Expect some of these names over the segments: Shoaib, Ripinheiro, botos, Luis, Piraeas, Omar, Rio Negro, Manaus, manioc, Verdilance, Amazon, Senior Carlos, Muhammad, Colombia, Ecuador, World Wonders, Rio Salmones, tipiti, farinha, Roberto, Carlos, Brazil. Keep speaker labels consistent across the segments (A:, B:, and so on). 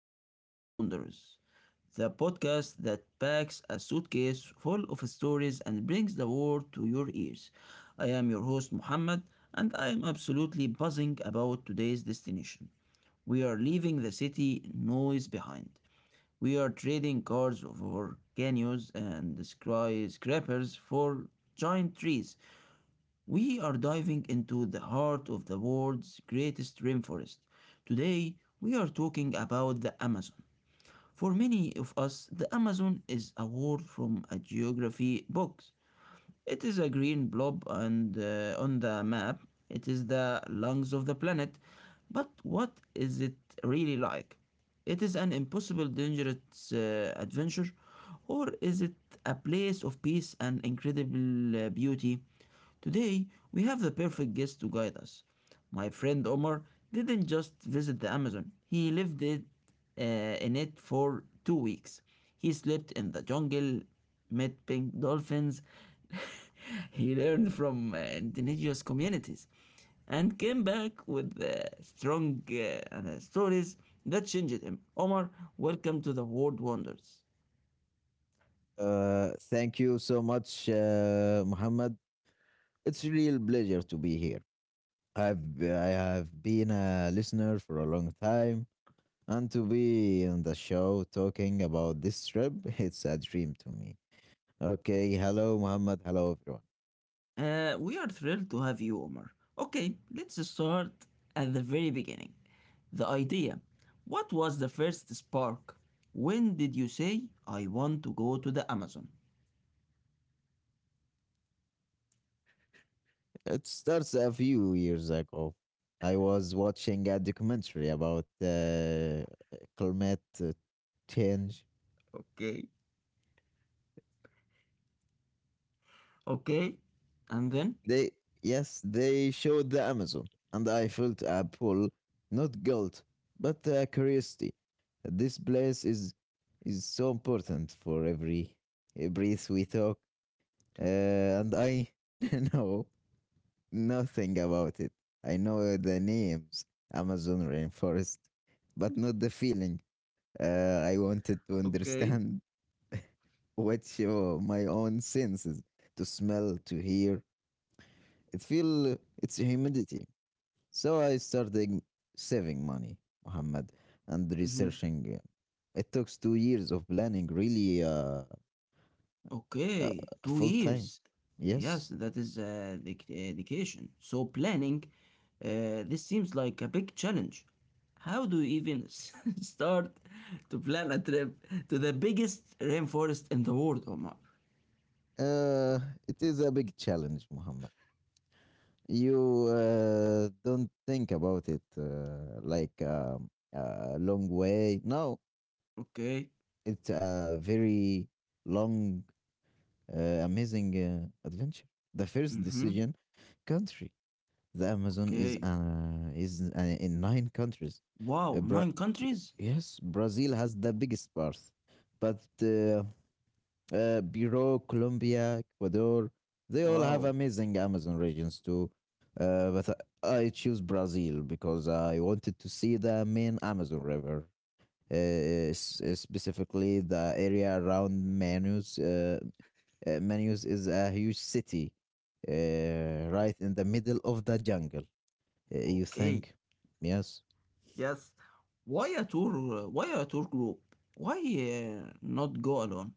A: to World Wonders, the podcast that packs a suitcase full of stories and brings the world to your ears. I am your host, Muhammad, and I am absolutely buzzing about today's destination. We are leaving the city noise behind. We are trading cars for canyons and skyscrapers for giant trees. We are diving into the heart of the world's greatest rainforest. Today, we are talking about the Amazon. For many of us, the Amazon is a word from a geography box. It is a green blob and on the map, it is the lungs of the planet. But what is it really like? It is an impossible, dangerous adventure, or is it a place of peace and incredible beauty? Today, we have the perfect guest to guide us. My friend Omar didn't just visit the Amazon, he lived it, in it for 2 weeks. He slept in the jungle, met pink dolphins, he learned from indigenous communities, and came back with strong stories that changed him. Omar, welcome to the World Wonders.
B: Thank you so much, Muhammad. It's a real pleasure to be here. I have been a listener for a long time, and to be on the show talking about this trip, it's a dream to me. Okay, hello, Muhammad. Hello, everyone.
A: We are thrilled to have you, Omar. Okay, let's start at the very beginning. The idea. What was the first spark? When did you say, I want to go to the Amazon?
B: It starts a few years ago. I was watching a documentary about climate change.
A: Okay. Okay, and then?
B: They Yes, they showed the Amazon, and I felt a pull, not guilt, but a curiosity. This place is so important for every breath we talk, and I know nothing about it. I know the names, Amazon rainforest, but not the feeling. I wanted to
A: Okay.
B: understand what show my own senses, to smell, to hear. It feel it's humidity. So I started saving money, Muhammad, and
A: Mhm.
B: researching. It took 2 years of planning, really, uh,
A: Okay, two
B: full time.
A: years.
B: Yes.
A: Yes, that is a a dedication. So planning, this seems like a big challenge. How do you even start to plan a trip to the biggest rainforest in the world, Omar?
B: Uh, it is a big challenge, Muhammad. You don't think about it like a long way. No,
A: Okay.
B: it's a very long, amazing adventure. The first
A: Mm-hmm.
B: decision, country. The Amazon is
A: Okay.
B: uh, is uh, in nine countries.
A: Wow,
B: Uh, Bra-
A: nine countries?
B: yes, Brazil has the biggest part, but Bureau, Colombia, Ecuador, they all have
A: Wow.
B: amazing Amazon regions too. But I choose Brazil because I wanted to see the main Amazon River, specifically the area around Manaus. Manaus is a huge city right in the middle of the jungle. You
A: Okay.
B: think? Yes.
A: Yes. Why a tour? Why a tour group? Why not go alone?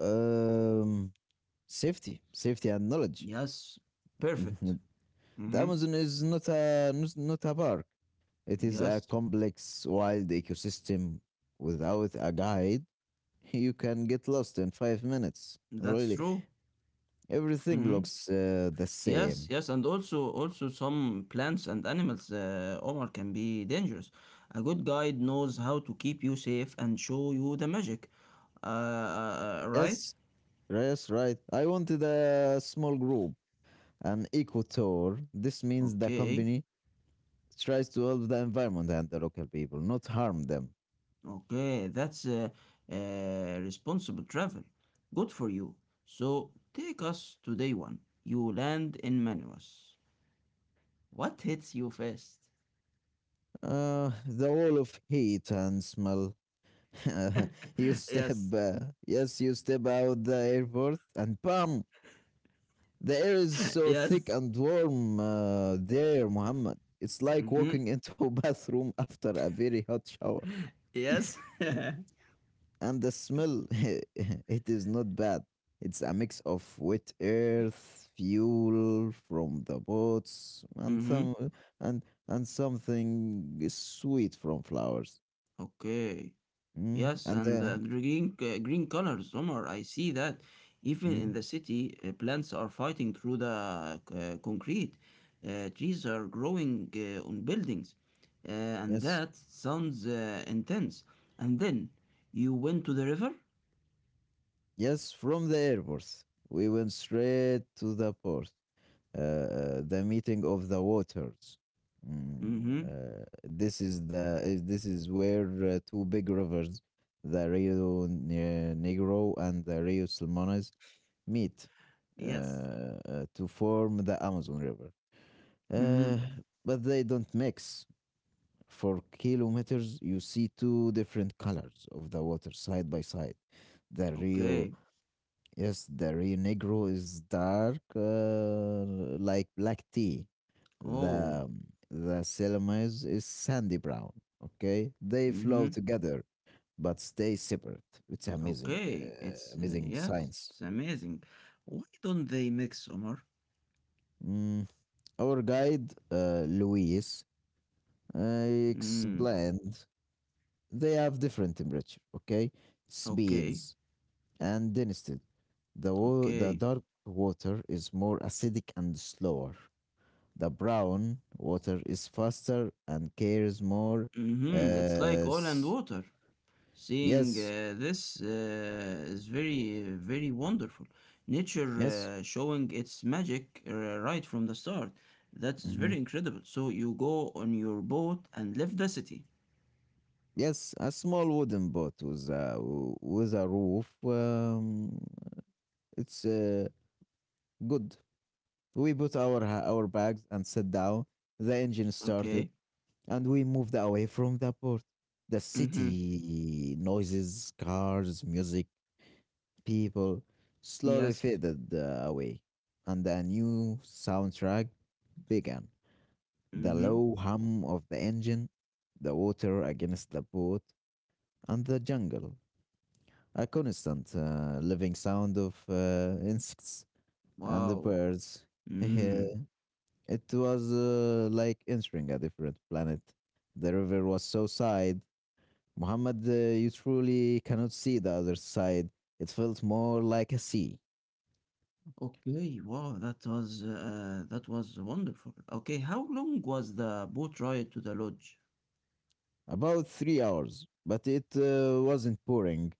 B: Um, safety, safety and knowledge.
A: Yes. Perfect.
B: The
A: Mm-hmm.
B: Amazon is not a park. It is a
A: Yes.
B: complex, wild ecosystem. Without a guide, you can get lost in 5 minutes.
A: That's
B: Really,
A: true.
B: everything
A: Hmm.
B: looks the
A: Yes,
B: same.
A: yes, and also some plants and animals, Omar, can be dangerous. A good guide knows how to keep you safe and show you the magic. Right?
B: Yes, yes, right. I wanted a small group, an eco tour. This means the
A: Okay,
B: company tries to help the environment and the local people, not harm them.
A: okay, that's responsible travel. Good for you. So take us to day one. You land in Manaus. What hits you first?
B: The wall of heat and smell. you step,
A: Yes,
B: uh, yes, you step out the airport, and bam! The air is so thick
A: yes,
B: and warm. There, Muhammad. It's like
A: mm-hmm.
B: walking into a bathroom after a very hot shower.
A: Yes.
B: And the smell, it is not bad. It's a mix of wet earth, fuel from the boats, and
A: Mm-hmm.
B: some and and something sweet from flowers.
A: Okay.
B: Mm.
A: Yes,
B: and
A: and the
B: the
A: green colors, Omar. I see that. Even in
B: Mm.
A: the city, plants are fighting through the concrete. Trees are growing on buildings, uh, and
B: Yes,
A: that sounds intense. And then you went to the river.
B: yes, from the airport. We went straight to the port, the meeting of the waters. Mm.
A: Mm-hmm.
B: This is where two big rivers, the Negro and the Rio Salmones, meet
A: Yes.
B: to form the Amazon River. Uh,
A: Mm-hmm.
B: but they don't mix. For kilometers, you see two different colors of the water side by side. The Rio
A: Okay.
B: Yes, the Rio Negro is dark, like black tea.
A: Oh.
B: The um, the Salamis is sandy brown. Okay, they flow
A: Mm-hmm.
B: together but stay separate. It's amazing,
A: Okay. It's
B: amazing
A: yes.
B: science.
A: It's amazing. Why don't they mix, Omar?
B: Mm, our guide, Luis,
A: Mm.
B: explained they have different temperature. Okay,
A: Okay.
B: speeds and density. The
A: Okay.
B: dark water is more acidic and slower. The brown water is faster and cares more.
A: Mm-hmm. It's like
B: Uh,
A: oil and
B: s-
A: water. Seeing
B: yes,
A: this is very, very wonderful. Nature
B: yes,
A: showing its magic right from the start. That is
B: mhm.
A: very incredible. So you go on your boat and leave the city.
B: Yes. A small wooden boat with a roof. It's good. We put our bags and sat down. The engine started,
A: Okay.
B: and we moved away from the port. The
A: Mm-hmm.
B: city noises, cars, music, people slowly
A: Yes.
B: faded away, and a new soundtrack began. The
A: Mm-hmm.
B: low hum of the engine, the water against the boat, and the jungle. A constant living sound of insects and the
A: Wow.
B: birds.
A: Mm.
B: It was like entering a different planet. The river was so side, Muhammad. You truly cannot see the other side. It felt more like a sea.
A: Okay. Wow. That was wonderful. Okay. How long was the boat ride to the lodge?
B: About 3 hours, but it wasn't pouring.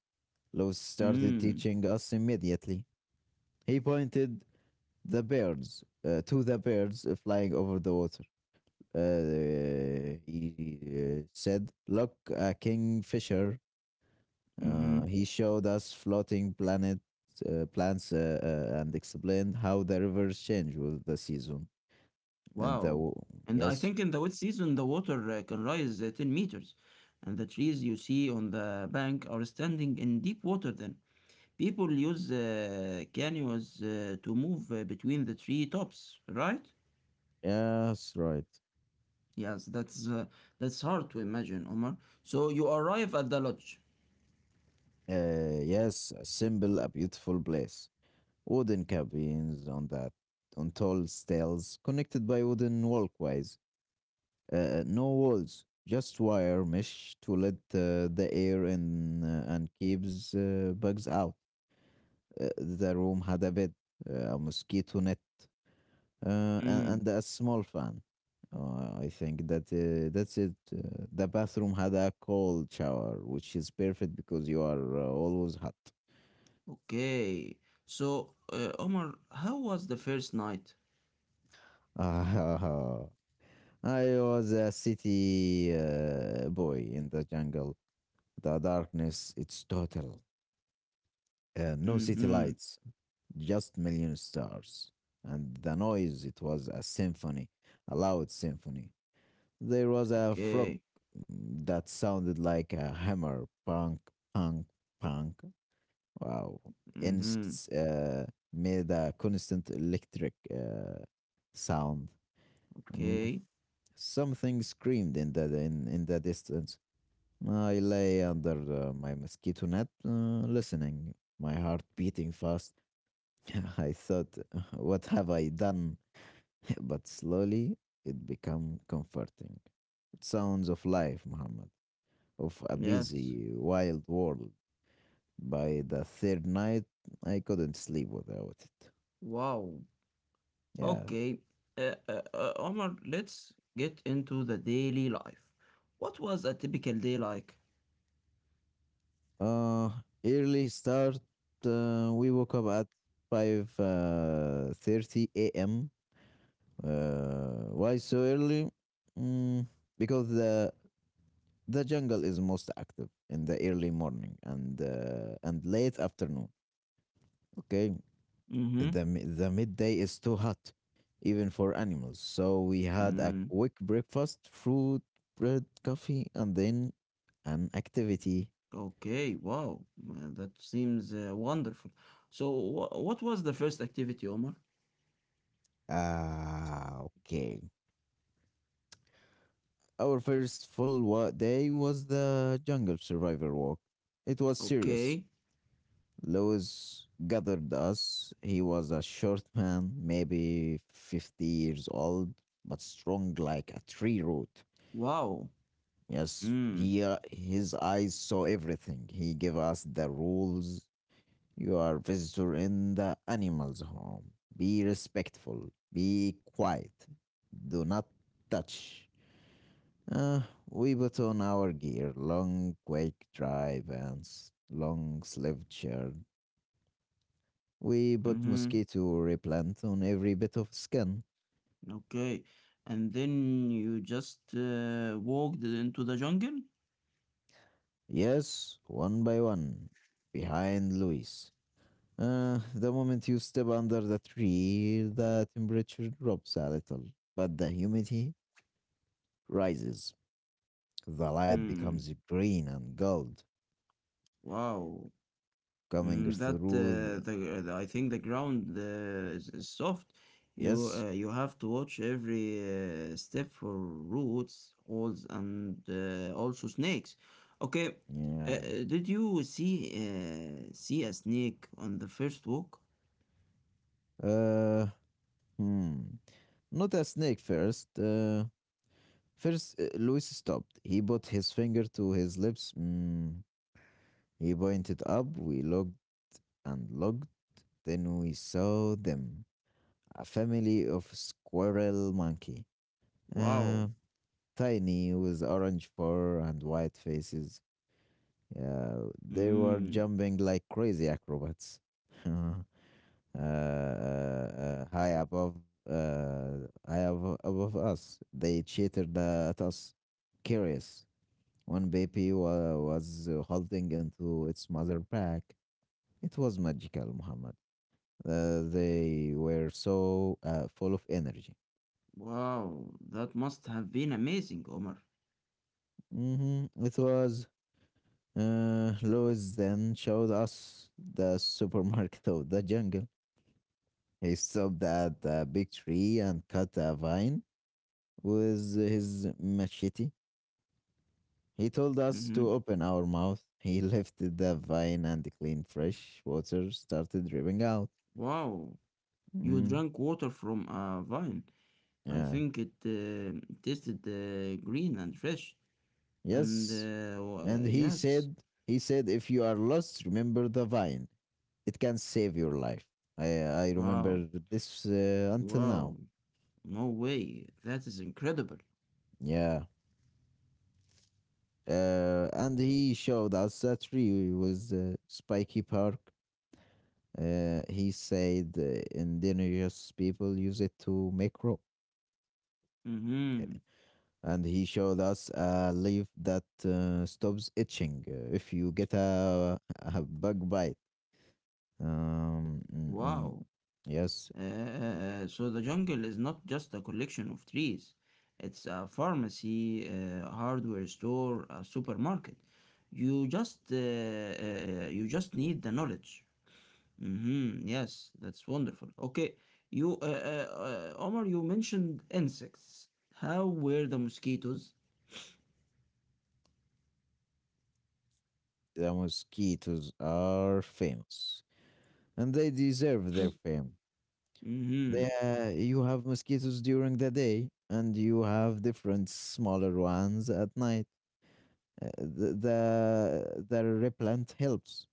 B: Lois started
A: Mm.
B: teaching us immediately. He pointed the birds to the birds flying over the water. He said, "Look, a kingfisher."
A: Mm-hmm.
B: He showed us floating planet plants, and explained how the rivers change with the season.
A: Wow.
B: And the w-
A: And I think in the
B: yes,
A: wet season, the water can rise 10 meters, and the trees you see on the bank are standing in deep water then. People use canoes to move between the tree tops, right?
B: yes, right.
A: Yes, that's hard to imagine, Omar. So you arrive at the lodge.
B: Yes, a symbol, a beautiful place. Wooden cabins on tall stairs connected by wooden walkways. No walls, just wire mesh to let the air in and keeps bugs out. The room had a bed, a mosquito net,
A: Mm,
B: and a small fan. I think that, that's it. The bathroom had a cold shower, which is perfect because you are always hot.
A: okay. So, Omar, how was the first night?
B: Ah, I was a city boy in the jungle. The darkness, it's total. No city
A: Mm-hmm.
B: lights, just million stars, and the noise, it was a symphony, a loud symphony. There was a frog,
A: Okay.
B: that sounded like a hammer. Punk, punk, punk. Wow.
A: Mm-hmm.
B: Insects made a constant electric sound. Mm.
A: Okay.
B: Something screamed in the distance. I lay under my mosquito net, listening, my heart beating fast. I thought, what have I done? But slowly it became comforting. Sounds of life, Muhammad, of a
A: Yes.
B: busy, wild world. By the third night, I couldn't sleep without it.
A: Wow.
B: Yeah.
A: Okay, Omar, let's get into the daily life. What was a typical day like?
B: Uh, early start. We woke up at five thirty a.m. Why so early? Mm, because the jungle is most active in the early morning and late afternoon. Okay.
A: Mm-hmm.
B: The midday is too hot even for animals, so we had a
A: Mm,
B: quick breakfast: fruit, bread, coffee, and then an activity.
A: okay, wow, that seems wonderful. So, what was the first activity, Omar?
B: Ah, okay. Our first day was the jungle survivor walk. It was serious.
A: Okay,
B: Lewis gathered us. He was a short man, maybe 50 years old, but strong like a tree root.
A: wow.
B: Yes,
A: Mm,
B: his eyes saw everything. He gave us the rules. You are visitor in the animal's home. Be respectful. Be quiet. Do not touch. Uh, we put on our gear, long quake dry pants, long sleeved shirt. We put
A: mm-hmm.
B: mosquito repellent on every bit of skin.
A: Okay, and then you just walked into the jungle?
B: Yes, one by one. Behind Luis. The moment you step under the tree, the temperature drops a little, but the humidity rises. The light
A: Mm,
B: becomes green and gold,
A: wow.
B: coming
A: Mm, that
B: through the.
A: the I think the ground is soft. You
B: Yes?
A: uh, you have to watch every step for roots, holes, and also snakes. Okay,
B: Yeah.
A: did you see a snake on the first walk?
B: Uh, hmm. Not a snake first. First, Luis stopped. He put his finger to his lips. He pointed up, we looked and looked, then we saw them. A family of squirrel monkey.
A: Wow.
B: Uh, tiny with orange fur and white faces. Yeah, they were
A: Mm,
B: jumping like crazy acrobats. uh, high above high abo- above us. They cheated at us. Curious. One baby was holding into its mother pack. It was magical, Muhammad. They were so full of energy.
A: wow, that must have been amazing, Omar.
B: Hmm. It was Louis then showed us the supermarket of the jungle. He stopped at a big tree and cut a vine with his machete. He told us
A: Mm-hmm.
B: to open our mouth. He lifted the vine and the clean fresh water started dripping out.
A: Wow, you
B: Mm,
A: drank water from a vine. I
B: yeah.
A: think it tasted green and fresh. And
B: Yes.
A: uh, wa-
B: And he
A: yes,
B: said, he said, if you are lost, remember the vine. It can save your life. I
A: wow,
B: remember this until
A: wow,
B: now.
A: no way, that is incredible.
B: Yeah. And he showed us a tree with spiky bark. He said indigenous people use it to make rope.
A: Mm-hmm.
B: And he showed us a leaf that stops itching if you get a bug bite. Mm, mm.
A: Wow.
B: Yes.
A: So the jungle is not just a collection of trees. It's a pharmacy, a hardware store, a supermarket. You just uh, uh, you just need the knowledge. Mm-hmm. Yes, that's wonderful. Okay, Omar, you mentioned insects. How were the mosquitoes?
B: The mosquitoes are famous, and they deserve their fame. They,
A: Mm-hmm.
B: uh, you have mosquitoes during the day, and you have different smaller ones at night. The replant helps,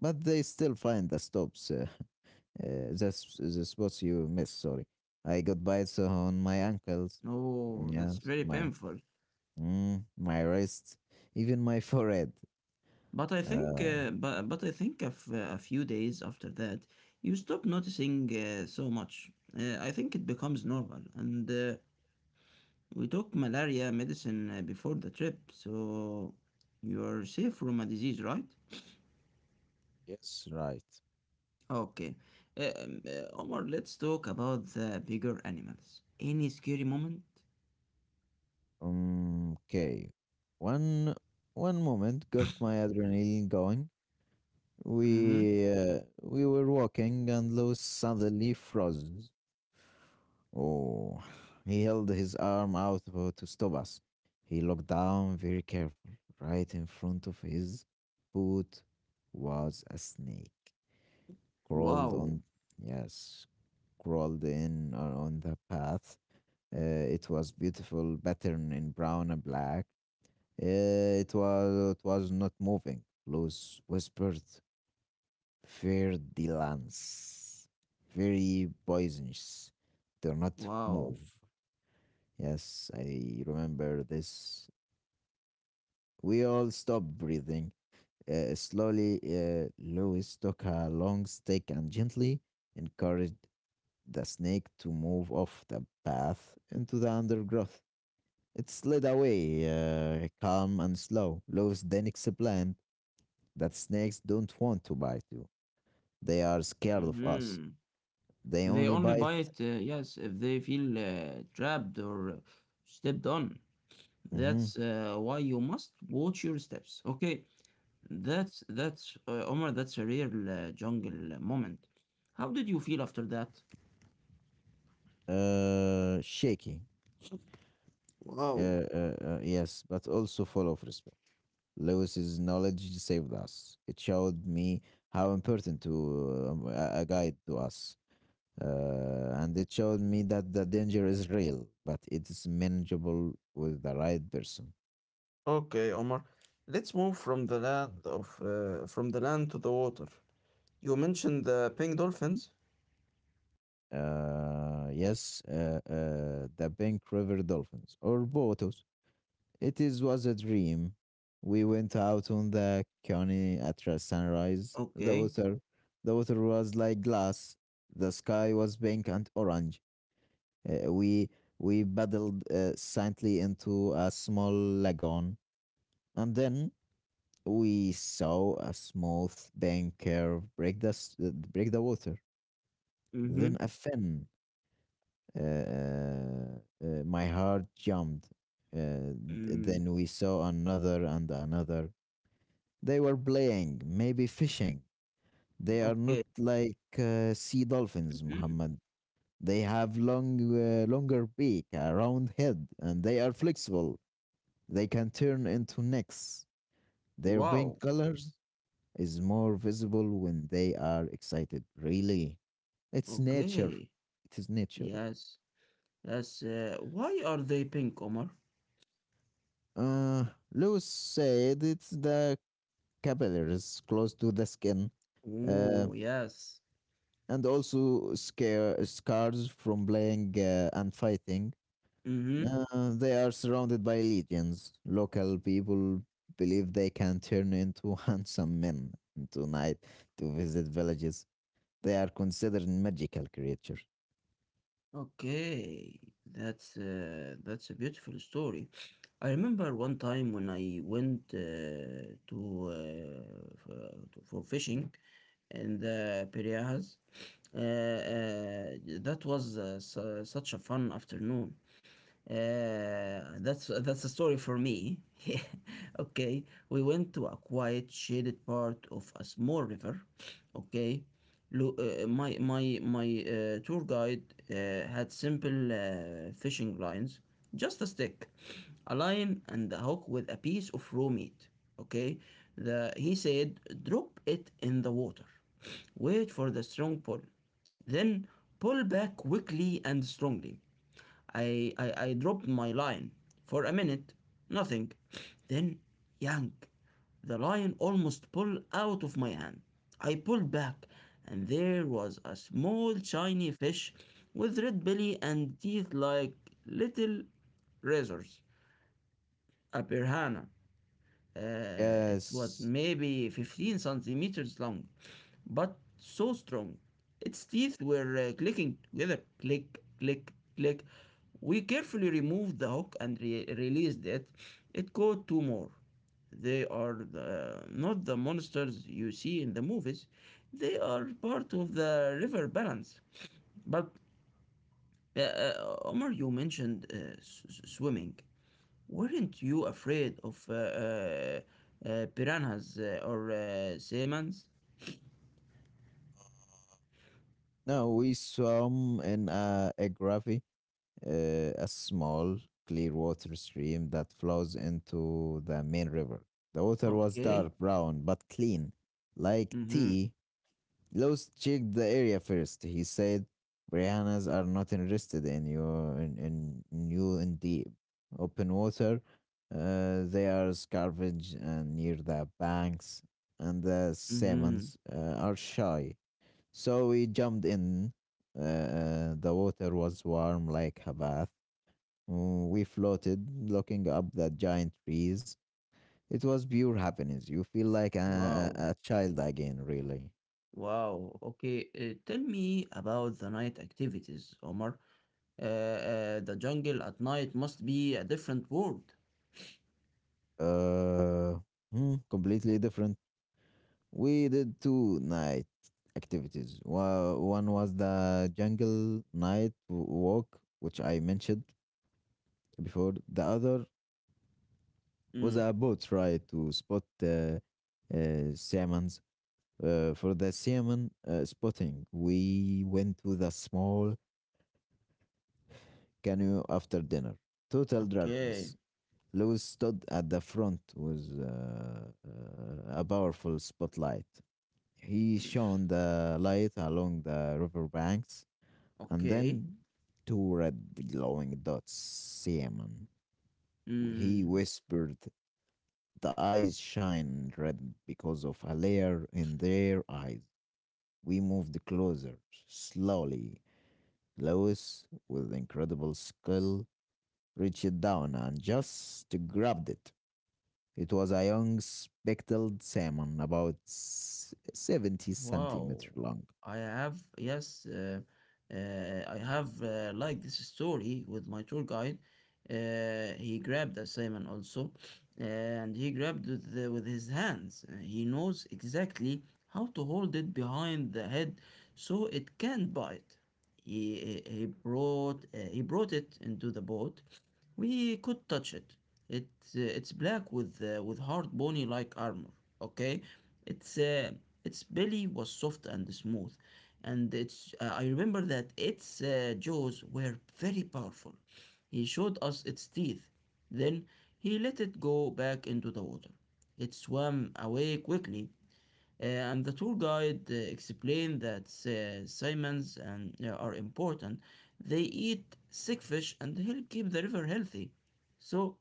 B: but they still find the stops, the spots you miss. Sorry, I got bites on my ankles.
A: Oh, that's
B: Yes,
A: very
B: my
A: painful.
B: mm, my wrist, even my forehead. Uh,
A: But I think of a few days after that, you stop noticing so much. I think it becomes normal. And we took malaria medicine before the trip, so you are safe from a disease, right?
B: yes, right.
A: Okay, Omar, let's talk about the bigger animals. Any scary moment?
B: Okay. One one moment got my adrenaline going.
A: Mm-hmm.
B: We were walking and Lewis suddenly froze. Oh, he held his arm out to stop us. He looked down very careful. Right in front of his boot was a snake. Crawled
A: Wow.
B: on, yes, crawled in on the path. Uh, it was beautiful pattern in brown and black. It was not moving. Luz whispered, Verdilance. Very poisonous. Do not
A: Wow.
B: move. Yes, I remember this. We all stopped breathing. Slowly, Lewis took a long stick and gently encouraged the snake to move off the path into the undergrowth. It slid away, calm and slow. Lewis then explained that snakes don't want to bite you. They are scared of us.
A: Mm-hmm.
B: They
A: They
B: only
A: only buy
B: bite.
A: it, yes, if they feel trapped or stepped on.
B: Mhm.
A: That's why you must watch your steps. Okay, that's Omar. That's a real jungle moment. How did you feel after that?
B: Shaky. Uh,
A: Wow.
B: uh, uh, yes, but also full of respect. Lewis's knowledge saved us. It showed me how important to a guide to us, and it showed me that the danger is real, but it is manageable with the right person.
A: Okay, Omar. Let's move from the land of from the land to the water. You mentioned the pink dolphins.
B: Yes, the Bank River Dolphins or botos. It is was a dream. We went out on the Coney at the sunrise. The
A: Okay.
B: water, the water was like glass. The sky was pink and orange. Uh, we we paddled silently into a small lagoon, and then we saw a smooth bank curve break break the water.
A: Mm-hmm.
B: Then a fin. Uh, uh, my heart jumped. Uh,
A: Mm,
B: then we saw another and another. They were playing, maybe fishing. They are not
A: okay.
B: like sea dolphins,
A: Mhm.
B: Muhammad. They have long, longer beak, a round head, and they are flexible. They can turn into necks. Their pink
A: Wow.
B: colors is more visible when they are excited. Really, it's nature.
A: Okay.
B: It is nature.
A: Yes. Yes. Why are they pink, Omar?
B: Uh, Lewis said it's the capillaries close to the skin. Uh,
A: Oh, yes.
B: and also scars from playing and fighting.
A: Mm-hmm.
B: They are surrounded by legions. Local people believe they can turn into handsome men into night to visit villages. They are considered magical creatures.
A: Okay. That's a beautiful story. I remember one time when I went to, f- to for fishing in the Piraeas. That was such a fun afternoon. That's a story for me. Okay, we went to a quiet, shaded part of a small river. Okay, my tour guide uh, had simple fishing lines, just a stick, a line, and a hook with a piece of raw meat. Okay, the he said, drop it in the water, wait for the strong pull, then pull back quickly and strongly. I dropped my line for a minute, nothing. Then, yank, the line almost pulled out of my hand. I pulled back, and there was a small shiny fish with red belly and teeth like little razors, a piranha. It was
B: Yes.
A: maybe 15 centimeters long, but so strong. Its teeth were clicking together click, click, click. We carefully removed the hook and released it. It caught two more. They are not the monsters you see in the movies, they are part of the river balance. But Omar, you mentioned swimming. Weren't you afraid of piranhas or sailmons?
B: No, we swam in a gravy, a small clear water stream that flows into the main river. The water was
A: Okay.
B: dark brown but clean, like
A: Mm-hmm.
B: tea. Los checked the area first. He said, Briannas are not interested in you in the open water. They are scavenged and near the banks, and the
A: Mm-hmm.
B: salmons are shy. So we jumped in. The water was warm like a bath. We floated, looking up the giant trees. It was pure happiness. You feel like
A: Wow.
B: a child again, really.
A: Wow. Okay. Tell me about the night activities, Omar. The jungle at night must be a different world.
B: Uh, Completely different. We did two night activities. One was the jungle night walk, which I mentioned before. The other was
A: Mm.
B: a boat ride to spot salmons. For the salmon spotting, we went to the small canoe after dinner. Total
A: Okay.
B: darkness. Lewis stood at the front with a powerful spotlight. He shone the light along the riverbanks, and
A: Okay.
B: then two red glowing dots salmon. He
A: Mm.
B: whispered, the eyes shine red because of a layer in their eyes. We moved closer, slowly. Lois, with incredible skill, reached down and just grabbed it. It was a young speckled salmon, about 70
A: Wow,
B: centimeters long.
A: yes, uh, I have like this story with my tour guide. He grabbed a salmon also, and he grabbed with his hands. He knows exactly how to hold it behind the head so it can't bite. He brought it into the boat. We could touch it. It it's black with hard bony like armor. Okay, its uh, its belly was soft and smooth, and its I remember that its jaws were very powerful. He showed us its teeth. Then he let it go back into the water. It swam away quickly, and the tour guide explained that salmons and are important. They eat sick fish and help keep the river healthy. So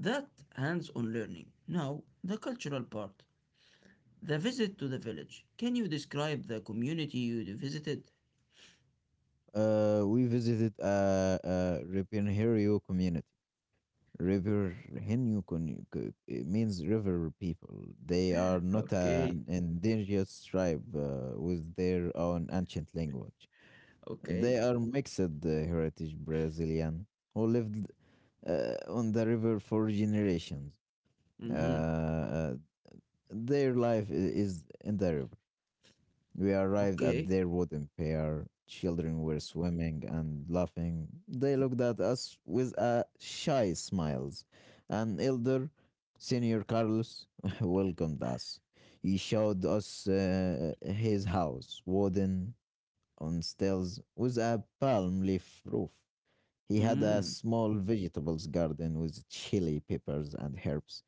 A: that hands-on learning. Now the cultural part. The visit to the village. Can you describe the community you visited?
B: We visited a Ripinheiro community. Ripinheiro it means river people. They are not
A: Okay.
B: an indigenous tribe with their own ancient language. They
A: Okay.
B: are mixed heritage Brazilian who lived on the river for generations. Uh,
A: Mm-hmm.
B: uh, their life is in the river. We arrived at
A: Okay.
B: their wooden pier. Children were swimming and laughing. They looked at us with a shy smiles. An elder, Senior Carlos, welcomed us. He showed us his house, wooden on stilts, with a palm leaf roof. He had a
A: Mm.
B: small vegetables garden with chili peppers and herbs.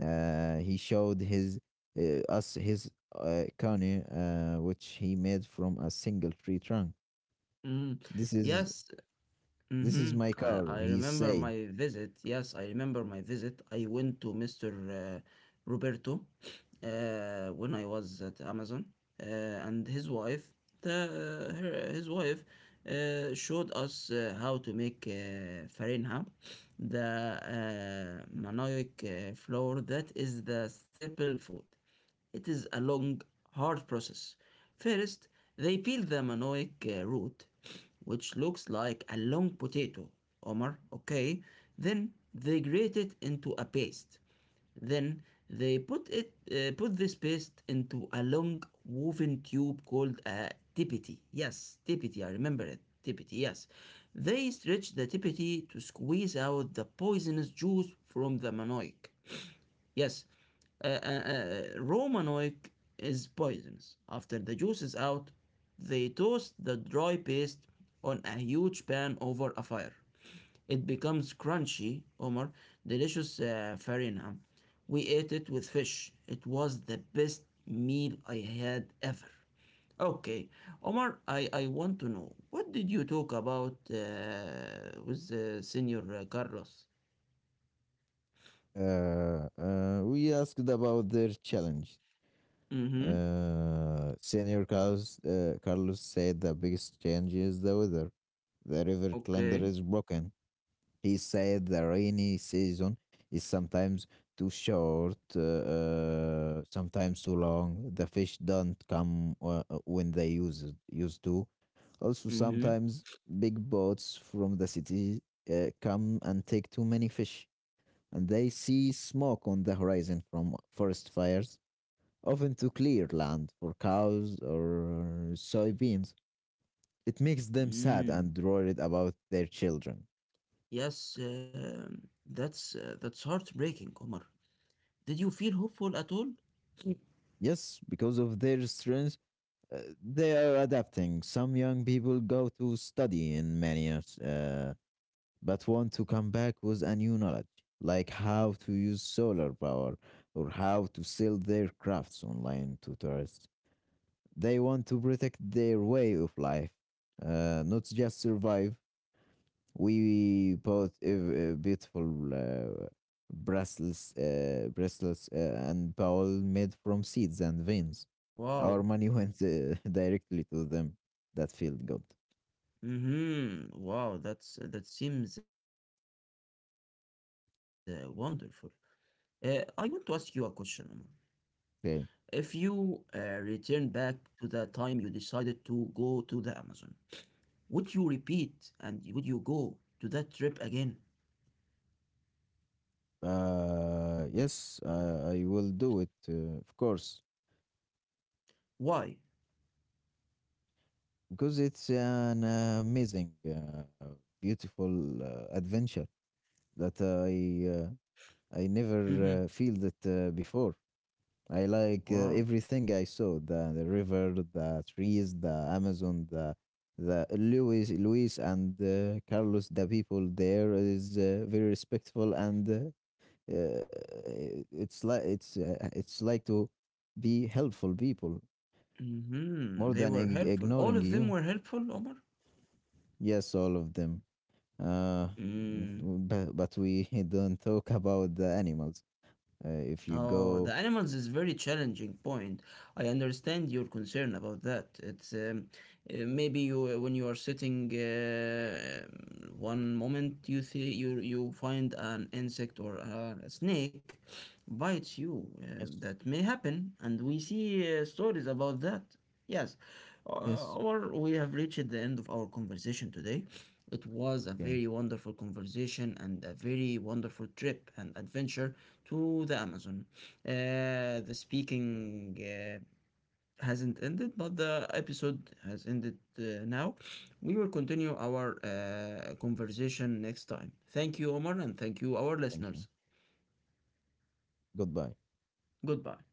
B: He showed his us his canoe, which he made from a single tree trunk.
A: Mm.
B: This is
A: Yes.
B: this
A: Mm-hmm.
B: is my
A: I,
B: car,
A: I
B: he
A: remember
B: said.
A: my visit. Yes, I remember my visit. I went to Mr. Roberto when I was at Amazon, and his wife, the, his wife, showed us how to make farinha, the Manoic flour that is the staple food. It is a long, hard process. First, they peel the manioc root, which looks like a long potato, Omar, okay? Then they grate it into a paste. Then they put this paste into a long woven tube called a tipiti. Yes, tipiti, I remember it. Tipiti, yes. They stretch the tipiti to squeeze out the poisonous juice from the manioc. Yes, Romanoic is poisonous. After the juice is out, they toast the dry paste on a huge pan over a fire. It becomes crunchy, Omar, delicious farina. We ate it with fish. It was the best meal I had ever. Okay, Omar, I want to know what did you talk about with Senor Carlos?
B: We asked about their challenge.
A: Mm-hmm.
B: Carlos said the biggest change is the weather. The river calendar
A: Okay.
B: is broken. He said the rainy season is sometimes too short, sometimes too long. The fish don't come when they used to. Also,
A: Mm-hmm.
B: sometimes big boats from the city come and take too many fish, and they see smoke on the horizon from forest fires often to clear land for cows or soybeans. It makes them sad
A: Mm,
B: and worried about their children.
A: yes, that's heartbreaking, Omar. Did you feel hopeful at all?
B: Yes, because of their strength, they are adapting. Some young people go to study in many years, but want to come back with a new knowledge, like how to use solar power or how to sell their crafts online to tourists. They want to protect their way of life, not just survive. We bought a beautiful bracelets and bowl made from seeds and veins.
A: Wow.
B: Our money went directly to them. That felt good.
A: Mm-hmm. Wow, that seems wonderful. I want to ask you a question, Omar. If you
B: Okay.
A: return back to the time you decided to go to the Amazon, would you repeat and would you go to that trip again?
B: Yes, I will do it, of course,
A: Why?
B: because it's an amazing, beautiful adventure that I
A: Mm-hmm.
B: never feel that before. I like
A: Wow.
B: everything I saw, the river, the trees, the Amazon, the Luis, and Carlos. The people there is very respectful and uh, it's like it's like to be helpful people
A: Mm-hmm.
B: more
A: They
B: than
A: were helpful. All
B: ignoring
A: of them
B: you.
A: were helpful, Omar?
B: Yes, all of them. Uh,
A: Mm.
B: but we don't talk about the animals. If you
A: Oh, the
B: go,
A: animals is very challenging point. I understand your concern about that. It's maybe you when you are sitting one moment you see you find an insect or a snake bites you. Uh,
B: yes,
A: that may happen, and we see stories about that. Yes,
B: yes,
A: or we have reached the end of our conversation today. It was a
B: okay,
A: very wonderful conversation and a very wonderful trip and adventure to the Amazon. The speaking hasn't ended, but the episode has ended now. We will continue our conversation next time. Thank you, Omar, and thank you, our
B: thank
A: listeners.
B: you. Goodbye.
A: Goodbye.